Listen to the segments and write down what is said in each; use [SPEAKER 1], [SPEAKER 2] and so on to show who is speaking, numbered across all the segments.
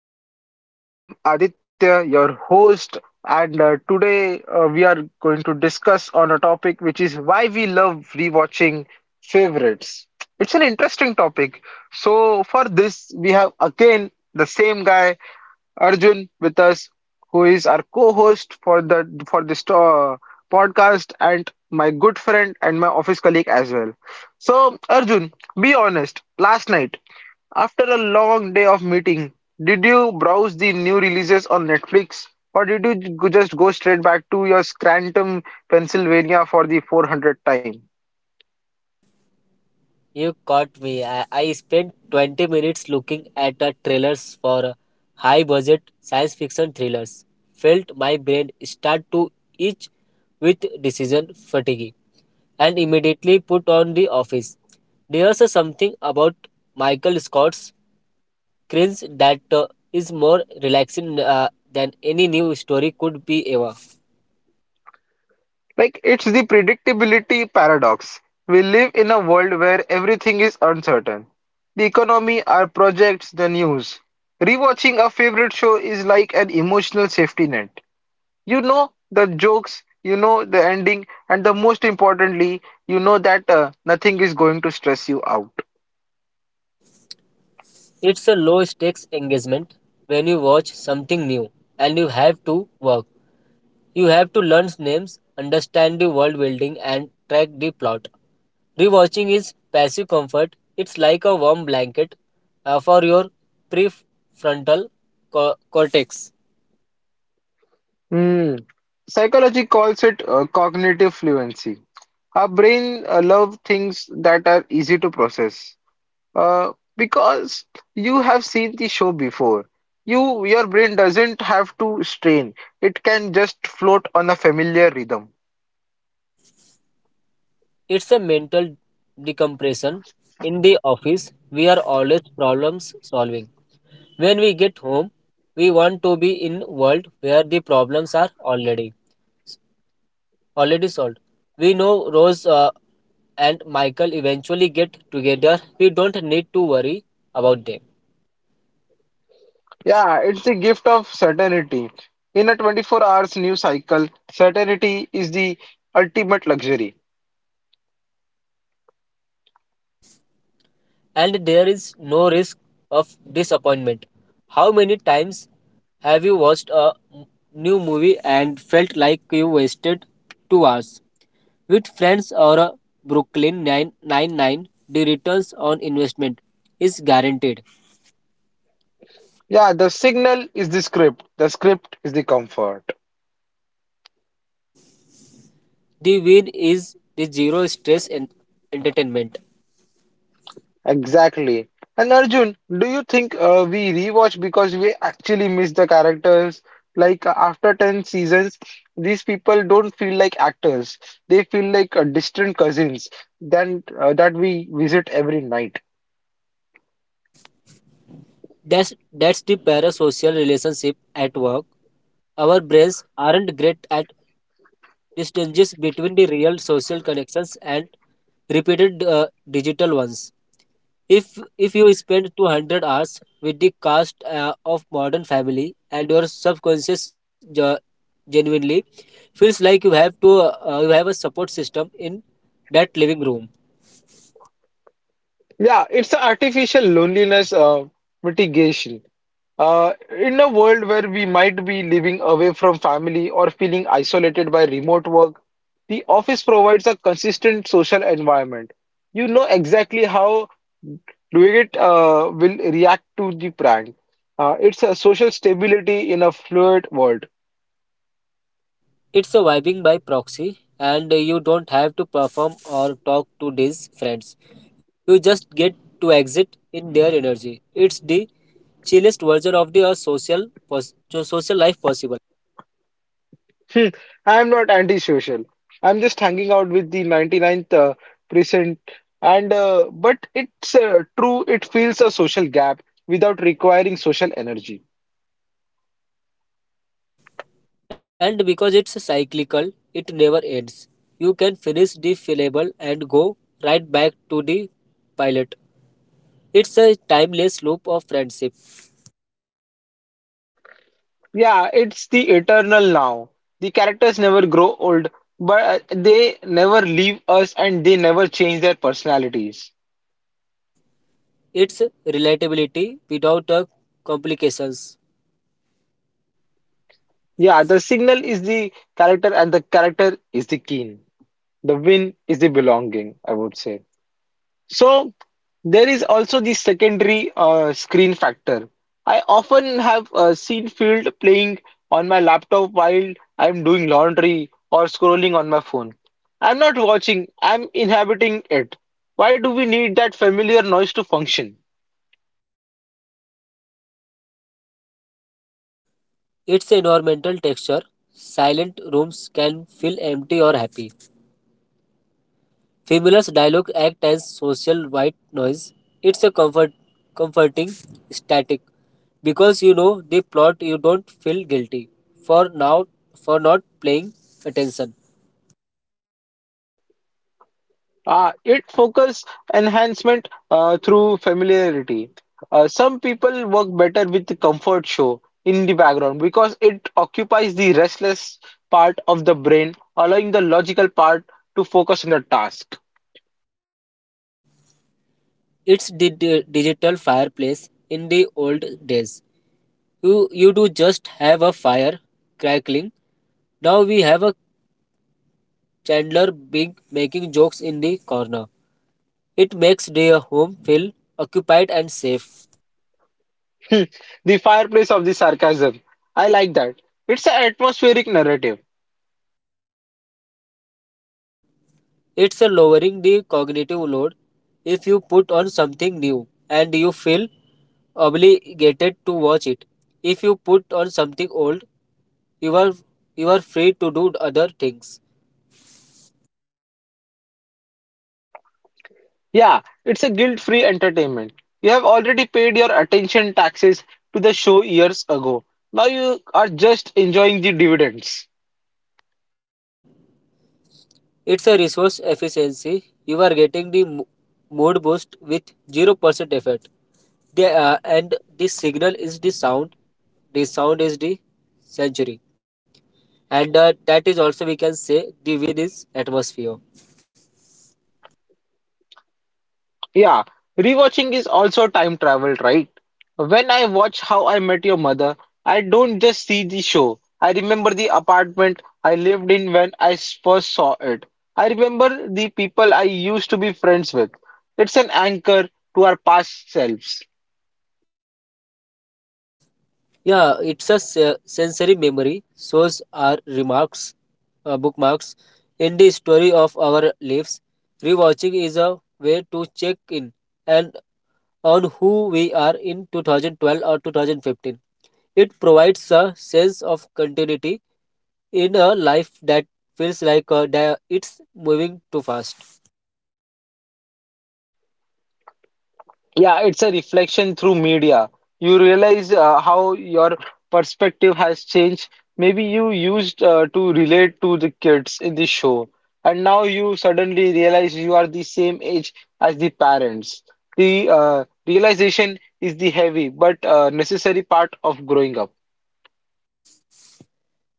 [SPEAKER 1] guys, and I am Aditya, your host. And today we are going to discuss on a topic which is why we love rewatching favorites. It's an interesting topic. So, for this, we have again the same guy, Arjun, with us, who is our co-host for the for this podcast, and my good friend and my office colleague as well. So, Arjun, be honest. Last night. After a long day of meeting, did you browse the new releases on Netflix or did you just go straight back to your Scranton, Pennsylvania for the 400th time?
[SPEAKER 2] You caught me. I spent 20 minutes looking at the trailers for high budget science fiction thrillers. Felt my brain start to itch with decision fatigue and immediately put on the office. There's a something about Michael Scott's cringe that is more relaxing than any new story could be ever.
[SPEAKER 1] Like, it's the predictability paradox. We live in a world where everything is uncertain. The economy, our projects, the news. Rewatching a favorite show is like an emotional safety net. You know the jokes, you know the ending, and the most importantly, you know that nothing is going to stress you out.
[SPEAKER 2] It's a low stakes engagement when you watch something new and you have to work. You have to learn names, understand the world building, and track the plot. Rewatching is passive comfort, it's like a warm blanket for your prefrontal cortex.
[SPEAKER 1] Hmm. Psychology calls it cognitive fluency. Our brain love things that are easy to process. Because you have seen the show before. Your brain doesn't have to strain. It can just float on a familiar rhythm.
[SPEAKER 2] It's a mental decompression. In the office, we are always problems solving. When we get home, we want to be in world where the problems are already solved. We know Rose and Michael eventually get together, we don't need to worry about them.
[SPEAKER 1] Yeah, it's the gift of certainty. In a 24 hours news cycle, certainty is the ultimate luxury.
[SPEAKER 2] And there is no risk of disappointment. How many times have you watched a new movie and felt like you wasted 2 hours? With Friends or a Brooklyn 999, the returns on investment is guaranteed.
[SPEAKER 1] Yeah, the signal is the script is the comfort.
[SPEAKER 2] The win is the zero stress entertainment.
[SPEAKER 1] Exactly. And Arjun, do you think we rewatch because we actually miss the characters? Like after 10 seasons, these people don't feel like actors. They feel like distant cousins than that we visit every night.
[SPEAKER 2] That's the parasocial relationship at work. Our brains aren't great at distinguishing between the real social connections and repeated digital ones. If you spend 200 hours with the cast of Modern Family and your subconscious genuinely feels like you have to you have a support system in that living room.
[SPEAKER 1] Yeah, it's an artificial loneliness mitigation. In a world where we might be living away from family or feeling isolated by remote work, the office provides a consistent social environment. You know exactly how Luigit will react to the prank. It's a social stability in a fluid world.
[SPEAKER 2] It's a vibing by proxy, and you don't have to perform or talk to these friends. You just get to exit in their energy. It's the chillest version of the social social life possible.
[SPEAKER 1] Hmm, I am not antisocial. I'm just hanging out with the 99th percent. And but it's true. It fills a social gap without requiring social energy.
[SPEAKER 2] And because it's cyclical, it never ends. You can finish the fillable and go right back to the pilot. It's a timeless loop of friendship.
[SPEAKER 1] Yeah, it's the eternal now. The characters never grow old, but they never leave us and they never change their personalities.
[SPEAKER 2] It's relatability without complications.
[SPEAKER 1] Yeah, the signal is the character and the character is the keen. The win is the belonging, I would say. So there is also the secondary screen factor. I often have seen field playing on my laptop while I'm doing laundry or scrolling on my phone. I'm not watching, I'm inhabiting it. Why do we need that familiar noise to function?
[SPEAKER 2] Its environmental texture, silent rooms can feel empty or happy. Familiar dialogue act as social white noise. It's a comfort, comforting static because you know the plot. You don't feel guilty for now for not paying attention.
[SPEAKER 1] It focus enhancement through familiarity. Some people work better with the comfort show in the background because it occupies the restless part of the brain, allowing the logical part to focus on the task.
[SPEAKER 2] It's the digital fireplace in the old days. You do just have a fire crackling. Now we have a Chandler Bing making jokes in the corner. It makes their home feel occupied and safe.
[SPEAKER 1] Hmm. The fireplace of the sarcasm. I like that. It's an atmospheric narrative.
[SPEAKER 2] It's a lowering the cognitive load if you put on something new and you feel obligated to watch it. If you put on something old, you are you are free to do other things.
[SPEAKER 1] Yeah, it's a guilt-free entertainment. You have already paid your attention taxes to the show years ago. Now you are just enjoying the dividends.
[SPEAKER 2] It's a resource efficiency. You are getting the mood boost with 0% effort. And the signal is the sound. The sound is the century, and that is also we can say the wind is atmosphere.
[SPEAKER 1] Yeah, rewatching is also time travel, right? When I watch How I Met Your Mother, I don't just see the show. I remember the apartment I lived in when I first saw it. I remember the people I used to be friends with. It's an anchor to our past selves.
[SPEAKER 2] Yeah, it's a sensory memory shows our remarks bookmarks in the story of our lives. Rewatching is a way to check in and on who we are in 2012 or 2015. It provides a sense of continuity in a life that feels like that it's moving too fast.
[SPEAKER 1] Yeah, it's a reflection through media. You realize how your perspective has changed. Maybe you used to relate to the kids in the show, and now you suddenly realize you are the same age as the parents. The realization is the heavy but necessary part of growing up.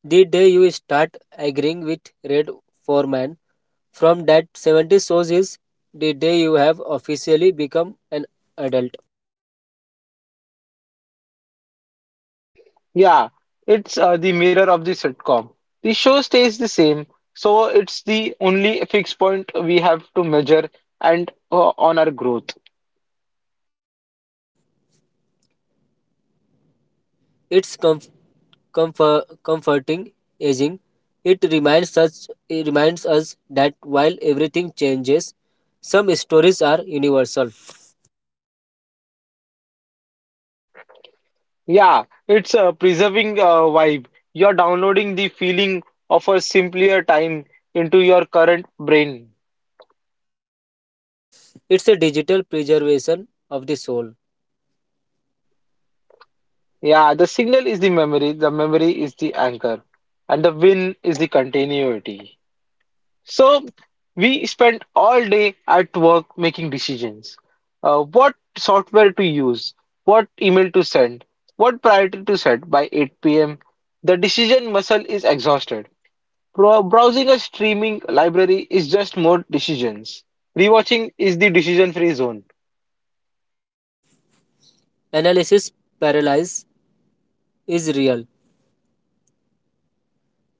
[SPEAKER 2] The day you start agreeing with Red Foreman from That 70 Shows is the day you have officially become an adult.
[SPEAKER 1] Yeah, it's the mirror of the sitcom. The show stays the same, so it's the only fixed point we have to measure and on our growth.
[SPEAKER 2] It's comforting aging. It reminds us that while everything changes, some stories are universal.
[SPEAKER 1] Yeah, it's a preserving vibe. You're downloading the feeling of a simpler time into your current brain.
[SPEAKER 2] It's a digital preservation of the soul.
[SPEAKER 1] Yeah, the signal is the memory is the anchor, and the win is the continuity. So we spent all day at work making decisions. What software to use, what email to send, what priority to set by 8 p.m. The decision muscle is exhausted. Browsing a streaming library is just more decisions. Rewatching is the decision-free zone.
[SPEAKER 2] Analysis paralysis is real.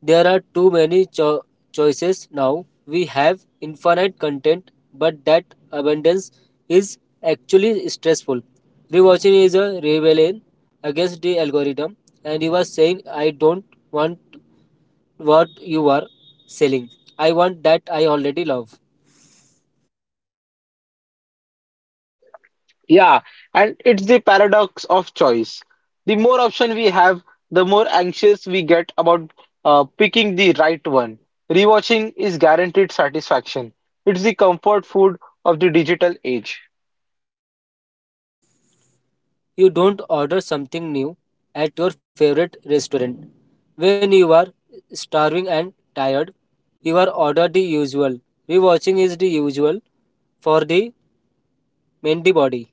[SPEAKER 2] There are too many choices now. We have infinite content, but that abundance is actually stressful. Rewatching is a rebellion against the algorithm, and you are saying, I don't want what you are selling. I want that I already love.
[SPEAKER 1] Yeah, and it's the paradox of choice. The more option we have, the more anxious we get about picking the right one. Rewatching is guaranteed satisfaction. It's the comfort food of the digital age.
[SPEAKER 2] You don't order something new at your favorite restaurant. When you are starving and tired, you are order the usual. Rewatching is the usual for the antibody.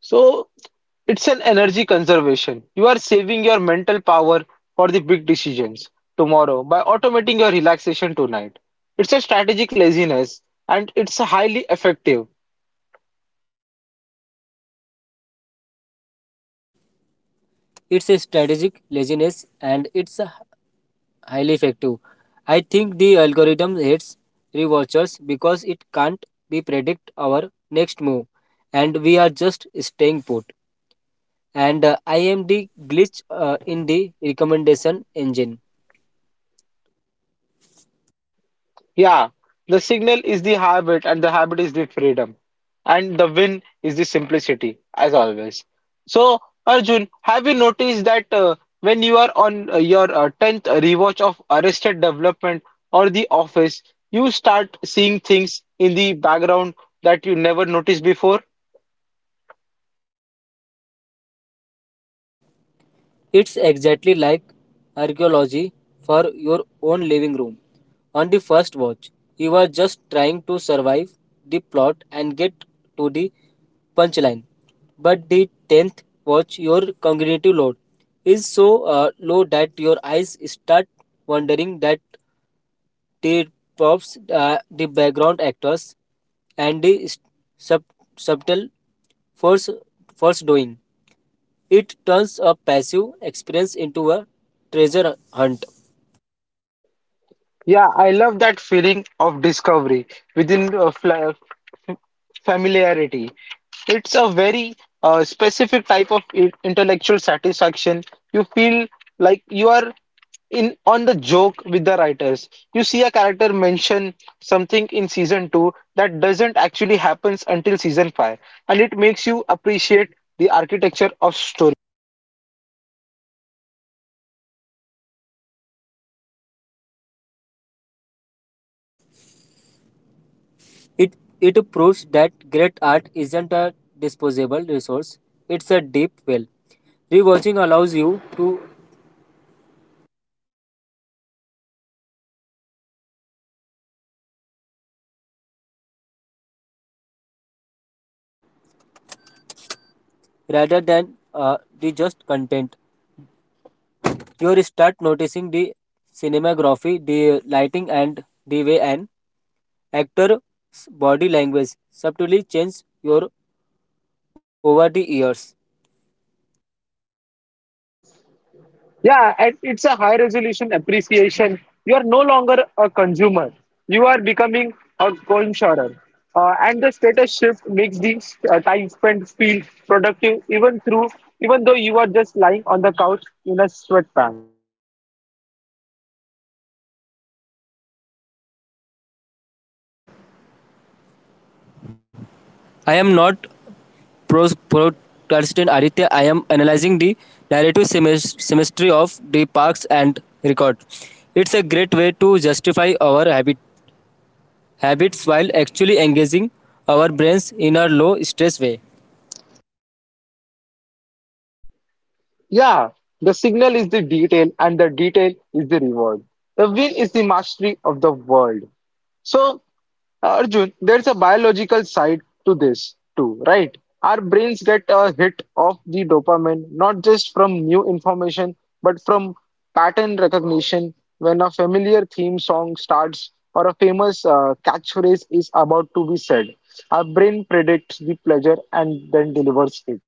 [SPEAKER 1] So it's an energy conservation. You are saving your mental power for the big decisions tomorrow by automating your relaxation tonight. It's a strategic laziness and it's highly effective.
[SPEAKER 2] It's a strategic laziness and it's highly effective. I think the algorithm hates rewatchers because it can't be predict our next move and we are just staying put. And I am the glitch in the recommendation engine.
[SPEAKER 1] Yeah, the signal is the habit, and the habit is the freedom, and the win is the simplicity, as always. So, Arjun, have you noticed that when you are on your 10th rewatch of Arrested Development or The Office, you start seeing things in the background that you never noticed before?
[SPEAKER 2] It's exactly like archaeology for your own living room. On the first watch, you are just trying to survive the plot and get to the punchline. But the tenth watch, your cognitive load is so low that your eyes start wandering. That the props, the background actors, and the sub- subtle force force doing. It turns a passive experience into a treasure hunt.
[SPEAKER 1] Yeah, I love that feeling of discovery within fl familiarity. It's a very specific type of intellectual satisfaction. You feel like you are in on the joke with the writers. You see a character mention something in season two that doesn't actually happens until season five, and it makes you appreciate the architecture of story.
[SPEAKER 2] It it proves that great art isn't a disposable resource. It's a deep well. Rewatching allows you to rather than the just content. You start noticing the cinematography, the lighting, and the way an actor's body language subtly changes your over the years.
[SPEAKER 1] Yeah, and it's a high resolution appreciation. You are no longer a consumer. You are becoming a co-insurer. And the status shift makes the time spent feel productive even though you are just lying on the couch in a sweatpants.
[SPEAKER 2] I am not pros protestant Aditya, I am analyzing the narrative symmetry of the Parks and Record. It's a great way to justify our habits while actually engaging our brains in a low stress way.
[SPEAKER 1] Yeah, the signal is the detail, and the detail is the reward. The win is the mastery of the world. So, Arjun, there's a biological side to this too, right? Our brains get a hit of the dopamine not just from new information but from pattern recognition when a familiar theme song starts or a famous catchphrase is about to be said. Our brain predicts the pleasure and then delivers it.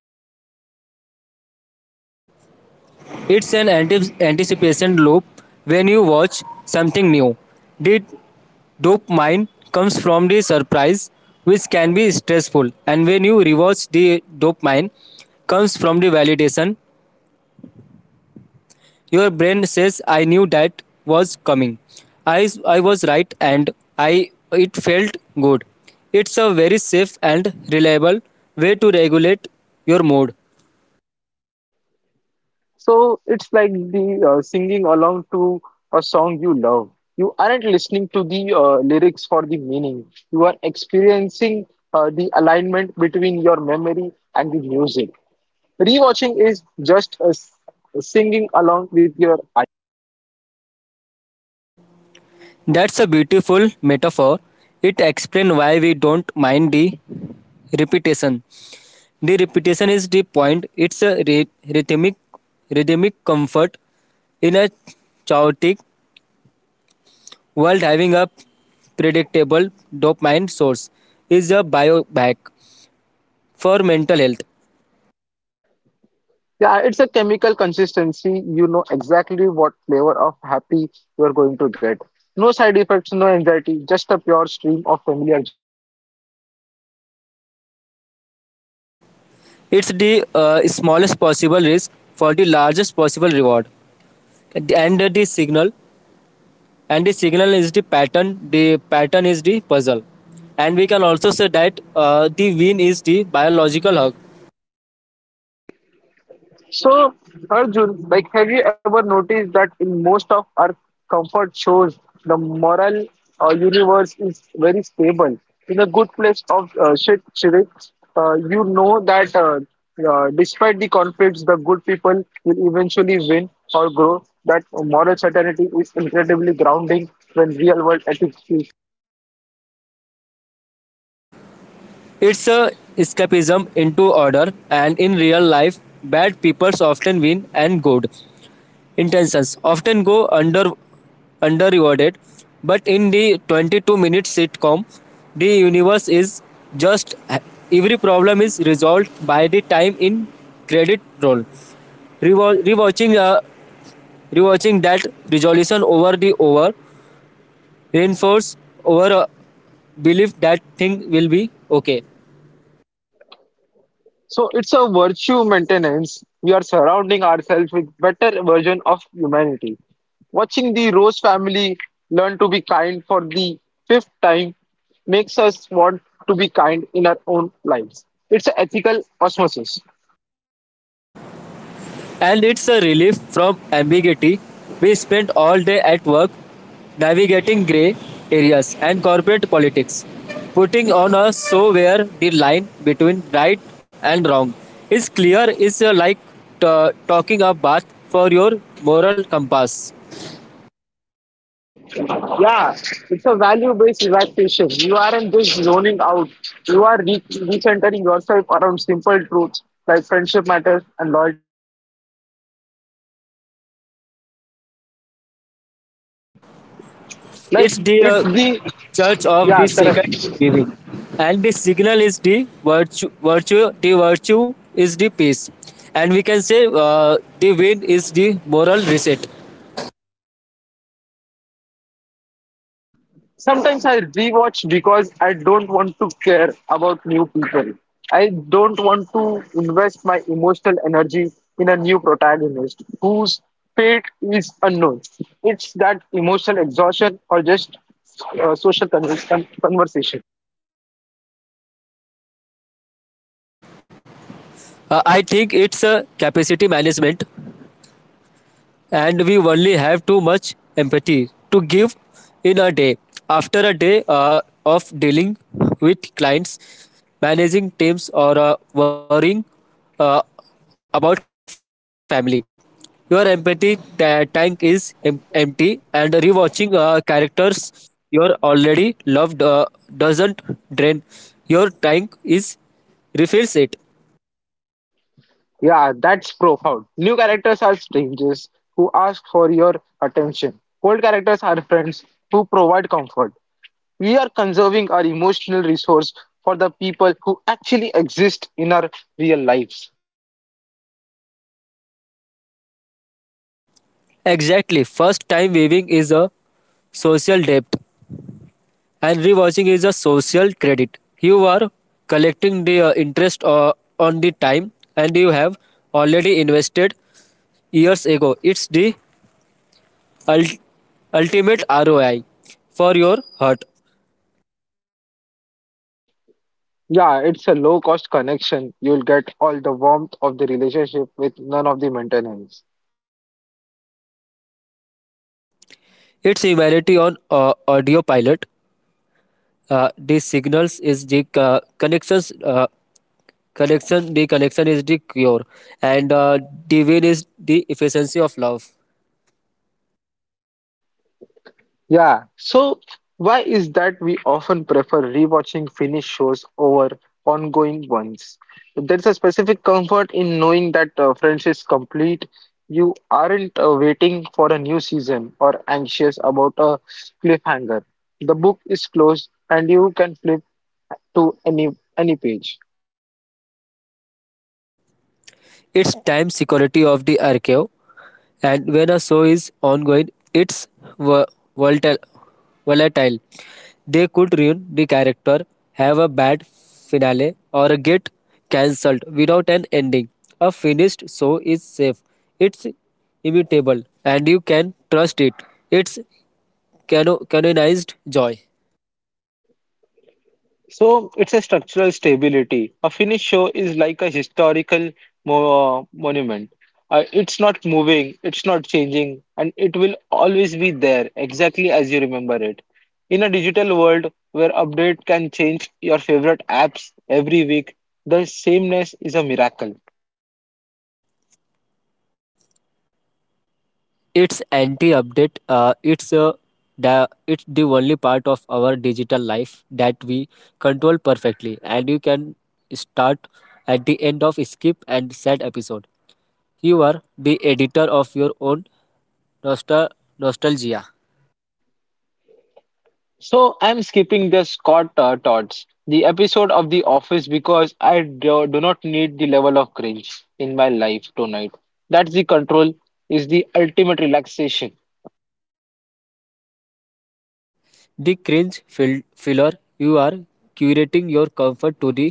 [SPEAKER 2] It's an anticipation loop. When you watch something new, did Dopamine comes from the surprise, which can be stressful, and when you rewatch, the dopamine comes from the validation. Your brain says, "I knew that was coming. I was right, and I it felt good." It's a very safe and reliable way to regulate your mood.
[SPEAKER 1] So it's like the singing along to a song you love. You aren't listening to the lyrics for the meaning. You are experiencing the alignment between your memory and the music. Rewatching is just singing along with your eyes.
[SPEAKER 2] That's a beautiful metaphor. It explains why we don't mind the repetition. The repetition is the point. It's a rhythmic, rhythmic comfort in a chaotic world. Having a predictable dopamine source is a biohack for mental health.
[SPEAKER 1] Yeah, it's a chemical consistency. You know exactly what flavor of happy you're going to get. No side effects, no anxiety, just a pure stream of familiar joy.
[SPEAKER 2] It's the smallest possible risk for the largest possible reward. And the signal, and the signal is the pattern. The pattern is the puzzle, and we can also say that the win is the biological hug.
[SPEAKER 1] So, Arjun, like, have you ever noticed that in most of our comfort shows, the moral universe is very stable? In a good place of shit, Shirek, you know that despite the conflicts, the good people will eventually win or grow. That moral certainty is incredibly grounding when real world ethics.
[SPEAKER 2] It's a escapism into order, and in real life, bad people often win, and good intentions often go under rewarded. But in the 22-minute sitcom, the universe is just every problem is resolved by the time in credit roll. Rewa- rewatching uh, rewatching that resolution over reinforce our belief that thing will be okay.
[SPEAKER 1] So it's a virtue maintenance. We are surrounding ourselves with better version of humanity. Watching the Rose family learn to be kind for the fifth time makes us want to be kind in our own lives. It's an ethical osmosis.
[SPEAKER 2] And it's a relief from ambiguity. We spent all day at work navigating grey areas and corporate politics, putting on a show where the line between right and wrong is clear is like talking a bath for your moral compass.
[SPEAKER 1] Yeah, it's a value-based relaxation. You aren't just zoning out. You are recentering yourself around simple truths like friendship matters and loyalty. Like
[SPEAKER 2] It's the
[SPEAKER 1] it's the
[SPEAKER 2] church of
[SPEAKER 1] yeah,
[SPEAKER 2] the second
[SPEAKER 1] correct.
[SPEAKER 2] giving, and the signal is the virtue. The virtue is the peace, and we can say the win is the moral reset.
[SPEAKER 1] Sometimes I rewatch because I don't want to care about new people. I don't want to invest my emotional energy in a new protagonist whose fate is unknown. It's that emotional exhaustion or just uh, social con- conversation.
[SPEAKER 2] I think it's a capacity management, and we only have too much empathy to give in a day. After a day of dealing with clients, managing teams, or worrying uh, about family, your empathy tank is empty, and rewatching characters you are already loved doesn't drain your tank is refills it.
[SPEAKER 1] Yeah, that's profound. New characters are strangers who ask for your attention. Old characters are friends who provide comfort. We are conserving our emotional resource for the people who actually exist in our real lives.
[SPEAKER 2] Exactly. First time viewing is a social debt and rewatching is a social credit. You are collecting the interest on the time and you have already invested years ago. It's the ul- ultimate ROI for your heart.
[SPEAKER 1] Yeah, it's a low cost connection. You'll get all the warmth of the relationship with none of the maintenance.
[SPEAKER 2] It's humanity on audio pilot. The signals is the connections. Connection. The connection is the cure, and the win is the efficiency of love.
[SPEAKER 1] Yeah, so why is that we often prefer rewatching finished shows over ongoing ones? There's a specific comfort in knowing that Friends is complete. You aren't waiting for a new season or anxious about a cliffhanger. The book is closed and you can flip to any page.
[SPEAKER 2] It's time security of the archive, and when a show is ongoing, it's vo- volatile. volatile. They could ruin the character, have a bad finale, or get cancelled without an ending. A finished show is safe, it's immutable, and you can trust it. It's canonized joy.
[SPEAKER 1] So it's a structural stability. A finished show is like a historical monument. It's not moving, it's not changing, and it will always be there exactly as you remember it. In a digital world where update can change your favorite apps every week, the sameness is a miracle.
[SPEAKER 2] It's anti-update, it's the only part of our digital life that we control perfectly, and you can start at the end of skip and sad episode. You are the editor of your own nostal- nostalgia.
[SPEAKER 1] So I'm skipping the Scott Todds, the episode of The Office because do not need the level of cringe in my life tonight. That's the control is the ultimate relaxation.
[SPEAKER 2] The filler, you are curating your comfort to the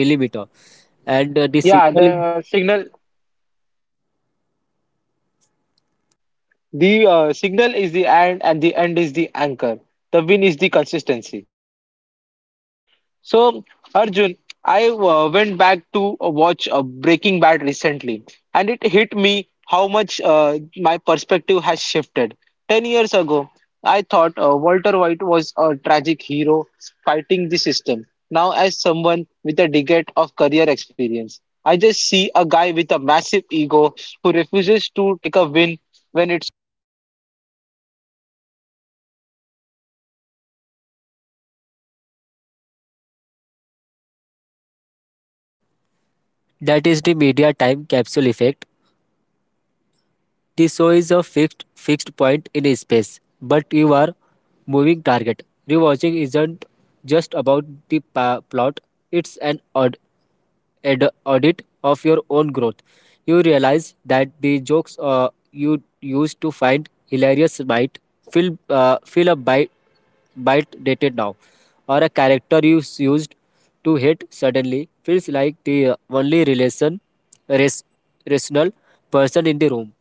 [SPEAKER 2] millimeter, and the
[SPEAKER 1] Yeah, the
[SPEAKER 2] signal
[SPEAKER 1] uh, signal the uh, signal is the end and the end is the anchor. The win is the consistency. So, Arjun, I went back to watch Breaking Bad recently, and it hit me how much my perspective has shifted. 10 years ago, I thought Walter White was a tragic hero fighting the system. Now, as someone with a decade of career experience, I just see a guy with a massive ego who refuses to take a win when it's.
[SPEAKER 2] that is the media time capsule effect. This show is a fixed point in space, but you are moving target. Rewatching isn't just about the plot; it's an ad- audit of your own growth. You realize that the jokes you used to find hilarious might feel a bite dated now, or a character you used to hate suddenly feels like the only res- rational person in the room.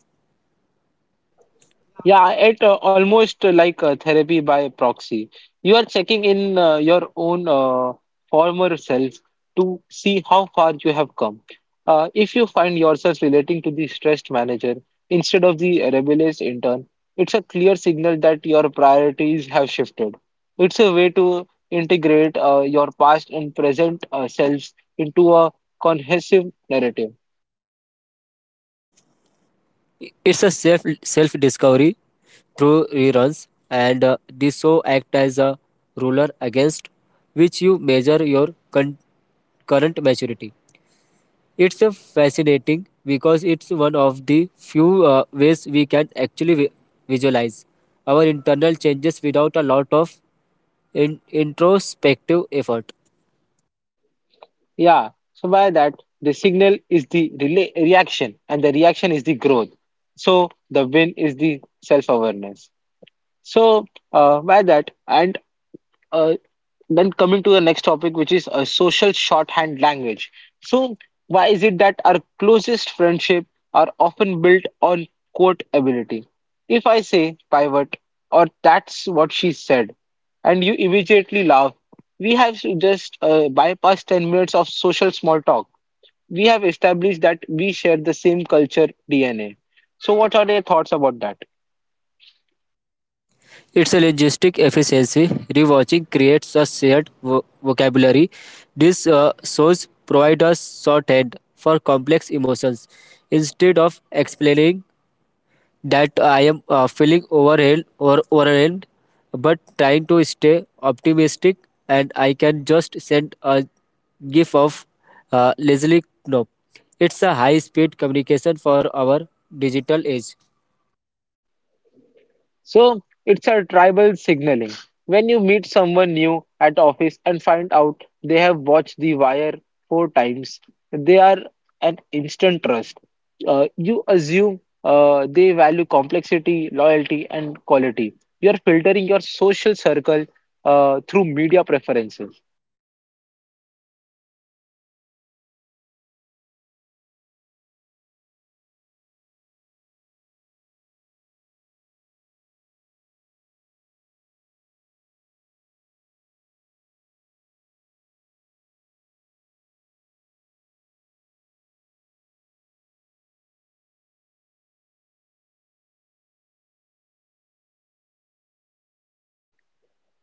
[SPEAKER 1] Yeah, it almost like therapy by proxy. You are checking in your own former self to see how far you have come. If you find yourself relating to the stressed manager instead of the rebellious intern, it's a clear signal that your priorities have shifted. It's a way to integrate your past and present selves into a cohesive narrative.
[SPEAKER 2] It's a self discovery through reruns, and this show act as a ruler against which you measure your current maturity. It's a fascinating because it's one of the few ways we can actually visualize our internal changes without a lot of introspective effort.
[SPEAKER 1] Yeah, so by that, the signal is the relay reaction, and the reaction is the growth. So the win is the self-awareness. So, by that, and uh, then coming to the next topic, which is a social shorthand language. So, why is it that our closest friendship are often built on quote ability? If I say pivot, or that's what she said, and you immediately laugh, we have just bypassed 10 minutes of social small talk. We have established that we share the same culture DNA. So, what are your thoughts about that?
[SPEAKER 2] It's a linguistic efficiency. Rewatching creates a shared vocabulary. These shows provide a shorthand for complex emotions. Instead of explaining that I am feeling overwhelmed or overwhelmed, but trying to stay optimistic, and I can just send a gif of Leslie Knope. It's a high-speed communication for our digital age.
[SPEAKER 1] So, it's a tribal signaling. When you meet someone new at office and find out they have watched The Wire four times, they are an instant trust. You assume they value complexity, loyalty, and quality. You are filtering your social circle through media preferences.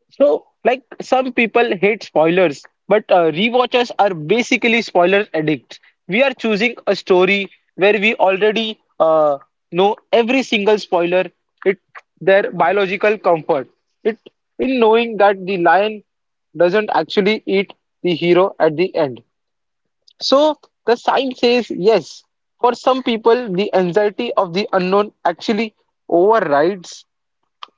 [SPEAKER 1] So, like some people hate spoilers, but rewatchers are basically spoiler addicts. We are choosing a story where we already know every single spoiler. It their biological comfort. It in knowing that the lion doesn't actually eat the hero at the end. So the sign says yes. For some people, the anxiety of the unknown actually overrides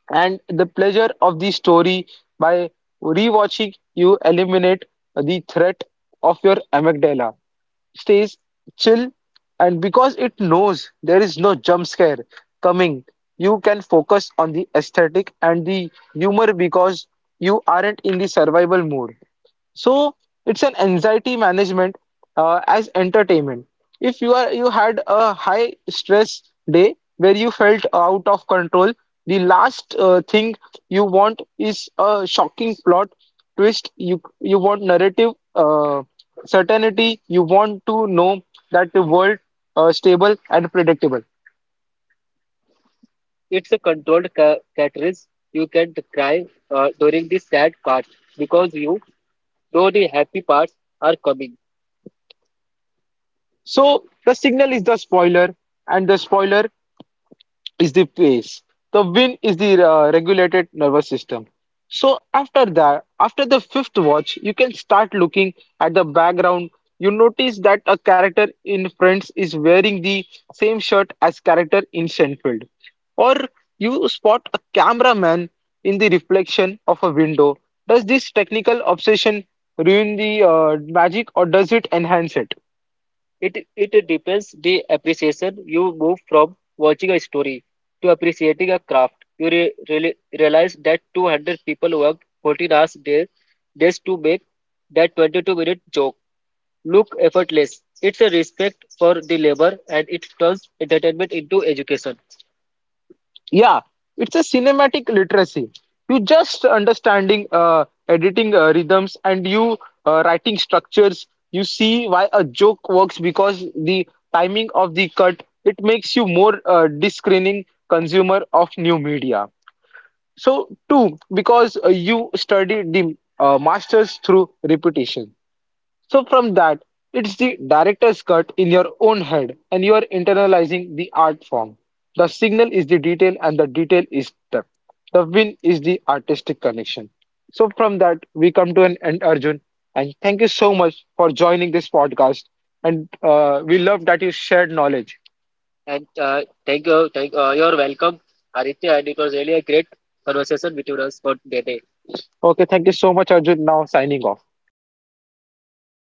[SPEAKER 1] and the pleasure of the story. By rewatching, you eliminate the threat of your amygdala, stays chill, and because it knows there is no jump scare coming, you can focus on the aesthetic and the humor because you aren't in the survival mode. So it's an anxiety management as entertainment. If you are, you had a high stress day where you felt out of control, the last thing you want is a shocking plot twist. You want narrative certainty. You want to know that the world stable and predictable. It's a controlled catharsis. You can cry during the sad part because you know the happy parts are coming. So the signal is the spoiler, and the spoiler is the pace. The win is the regulated nervous system. So after that, after the fifth watch, you can start looking at the background. You notice that a character in Friends is wearing the same shirt as character in Seinfeld, or you spot a cameraman in the reflection of a window. Does this technical obsession ruin the magic, or does it enhance it? It depends the appreciation. You move from watching a story to appreciating a craft. You really realize that 200 people worked 14 hours days to make that 22-minute joke look effortless. It's a respect for the labor, and it turns entertainment into education. Yeah, it's a cinematic literacy. You just understanding editing rhythms, and you writing structures. You see why a joke works because the timing of the cut. It makes you more discerning consumer of new media. So two, because you study the masters through repetition. So from that, it's the director's cut in your own head, and you are internalizing the art form. The signal is the detail, and the detail is depth. The win is the artistic connection. So from that, we come to an end, Arjun. And thank you so much for joining this podcast. And we love that you shared knowledge. And thank you, thank you're welcome, Aditya. And it was really a great conversation between us for today. Okay, thank you so much, Arjun. Now signing off.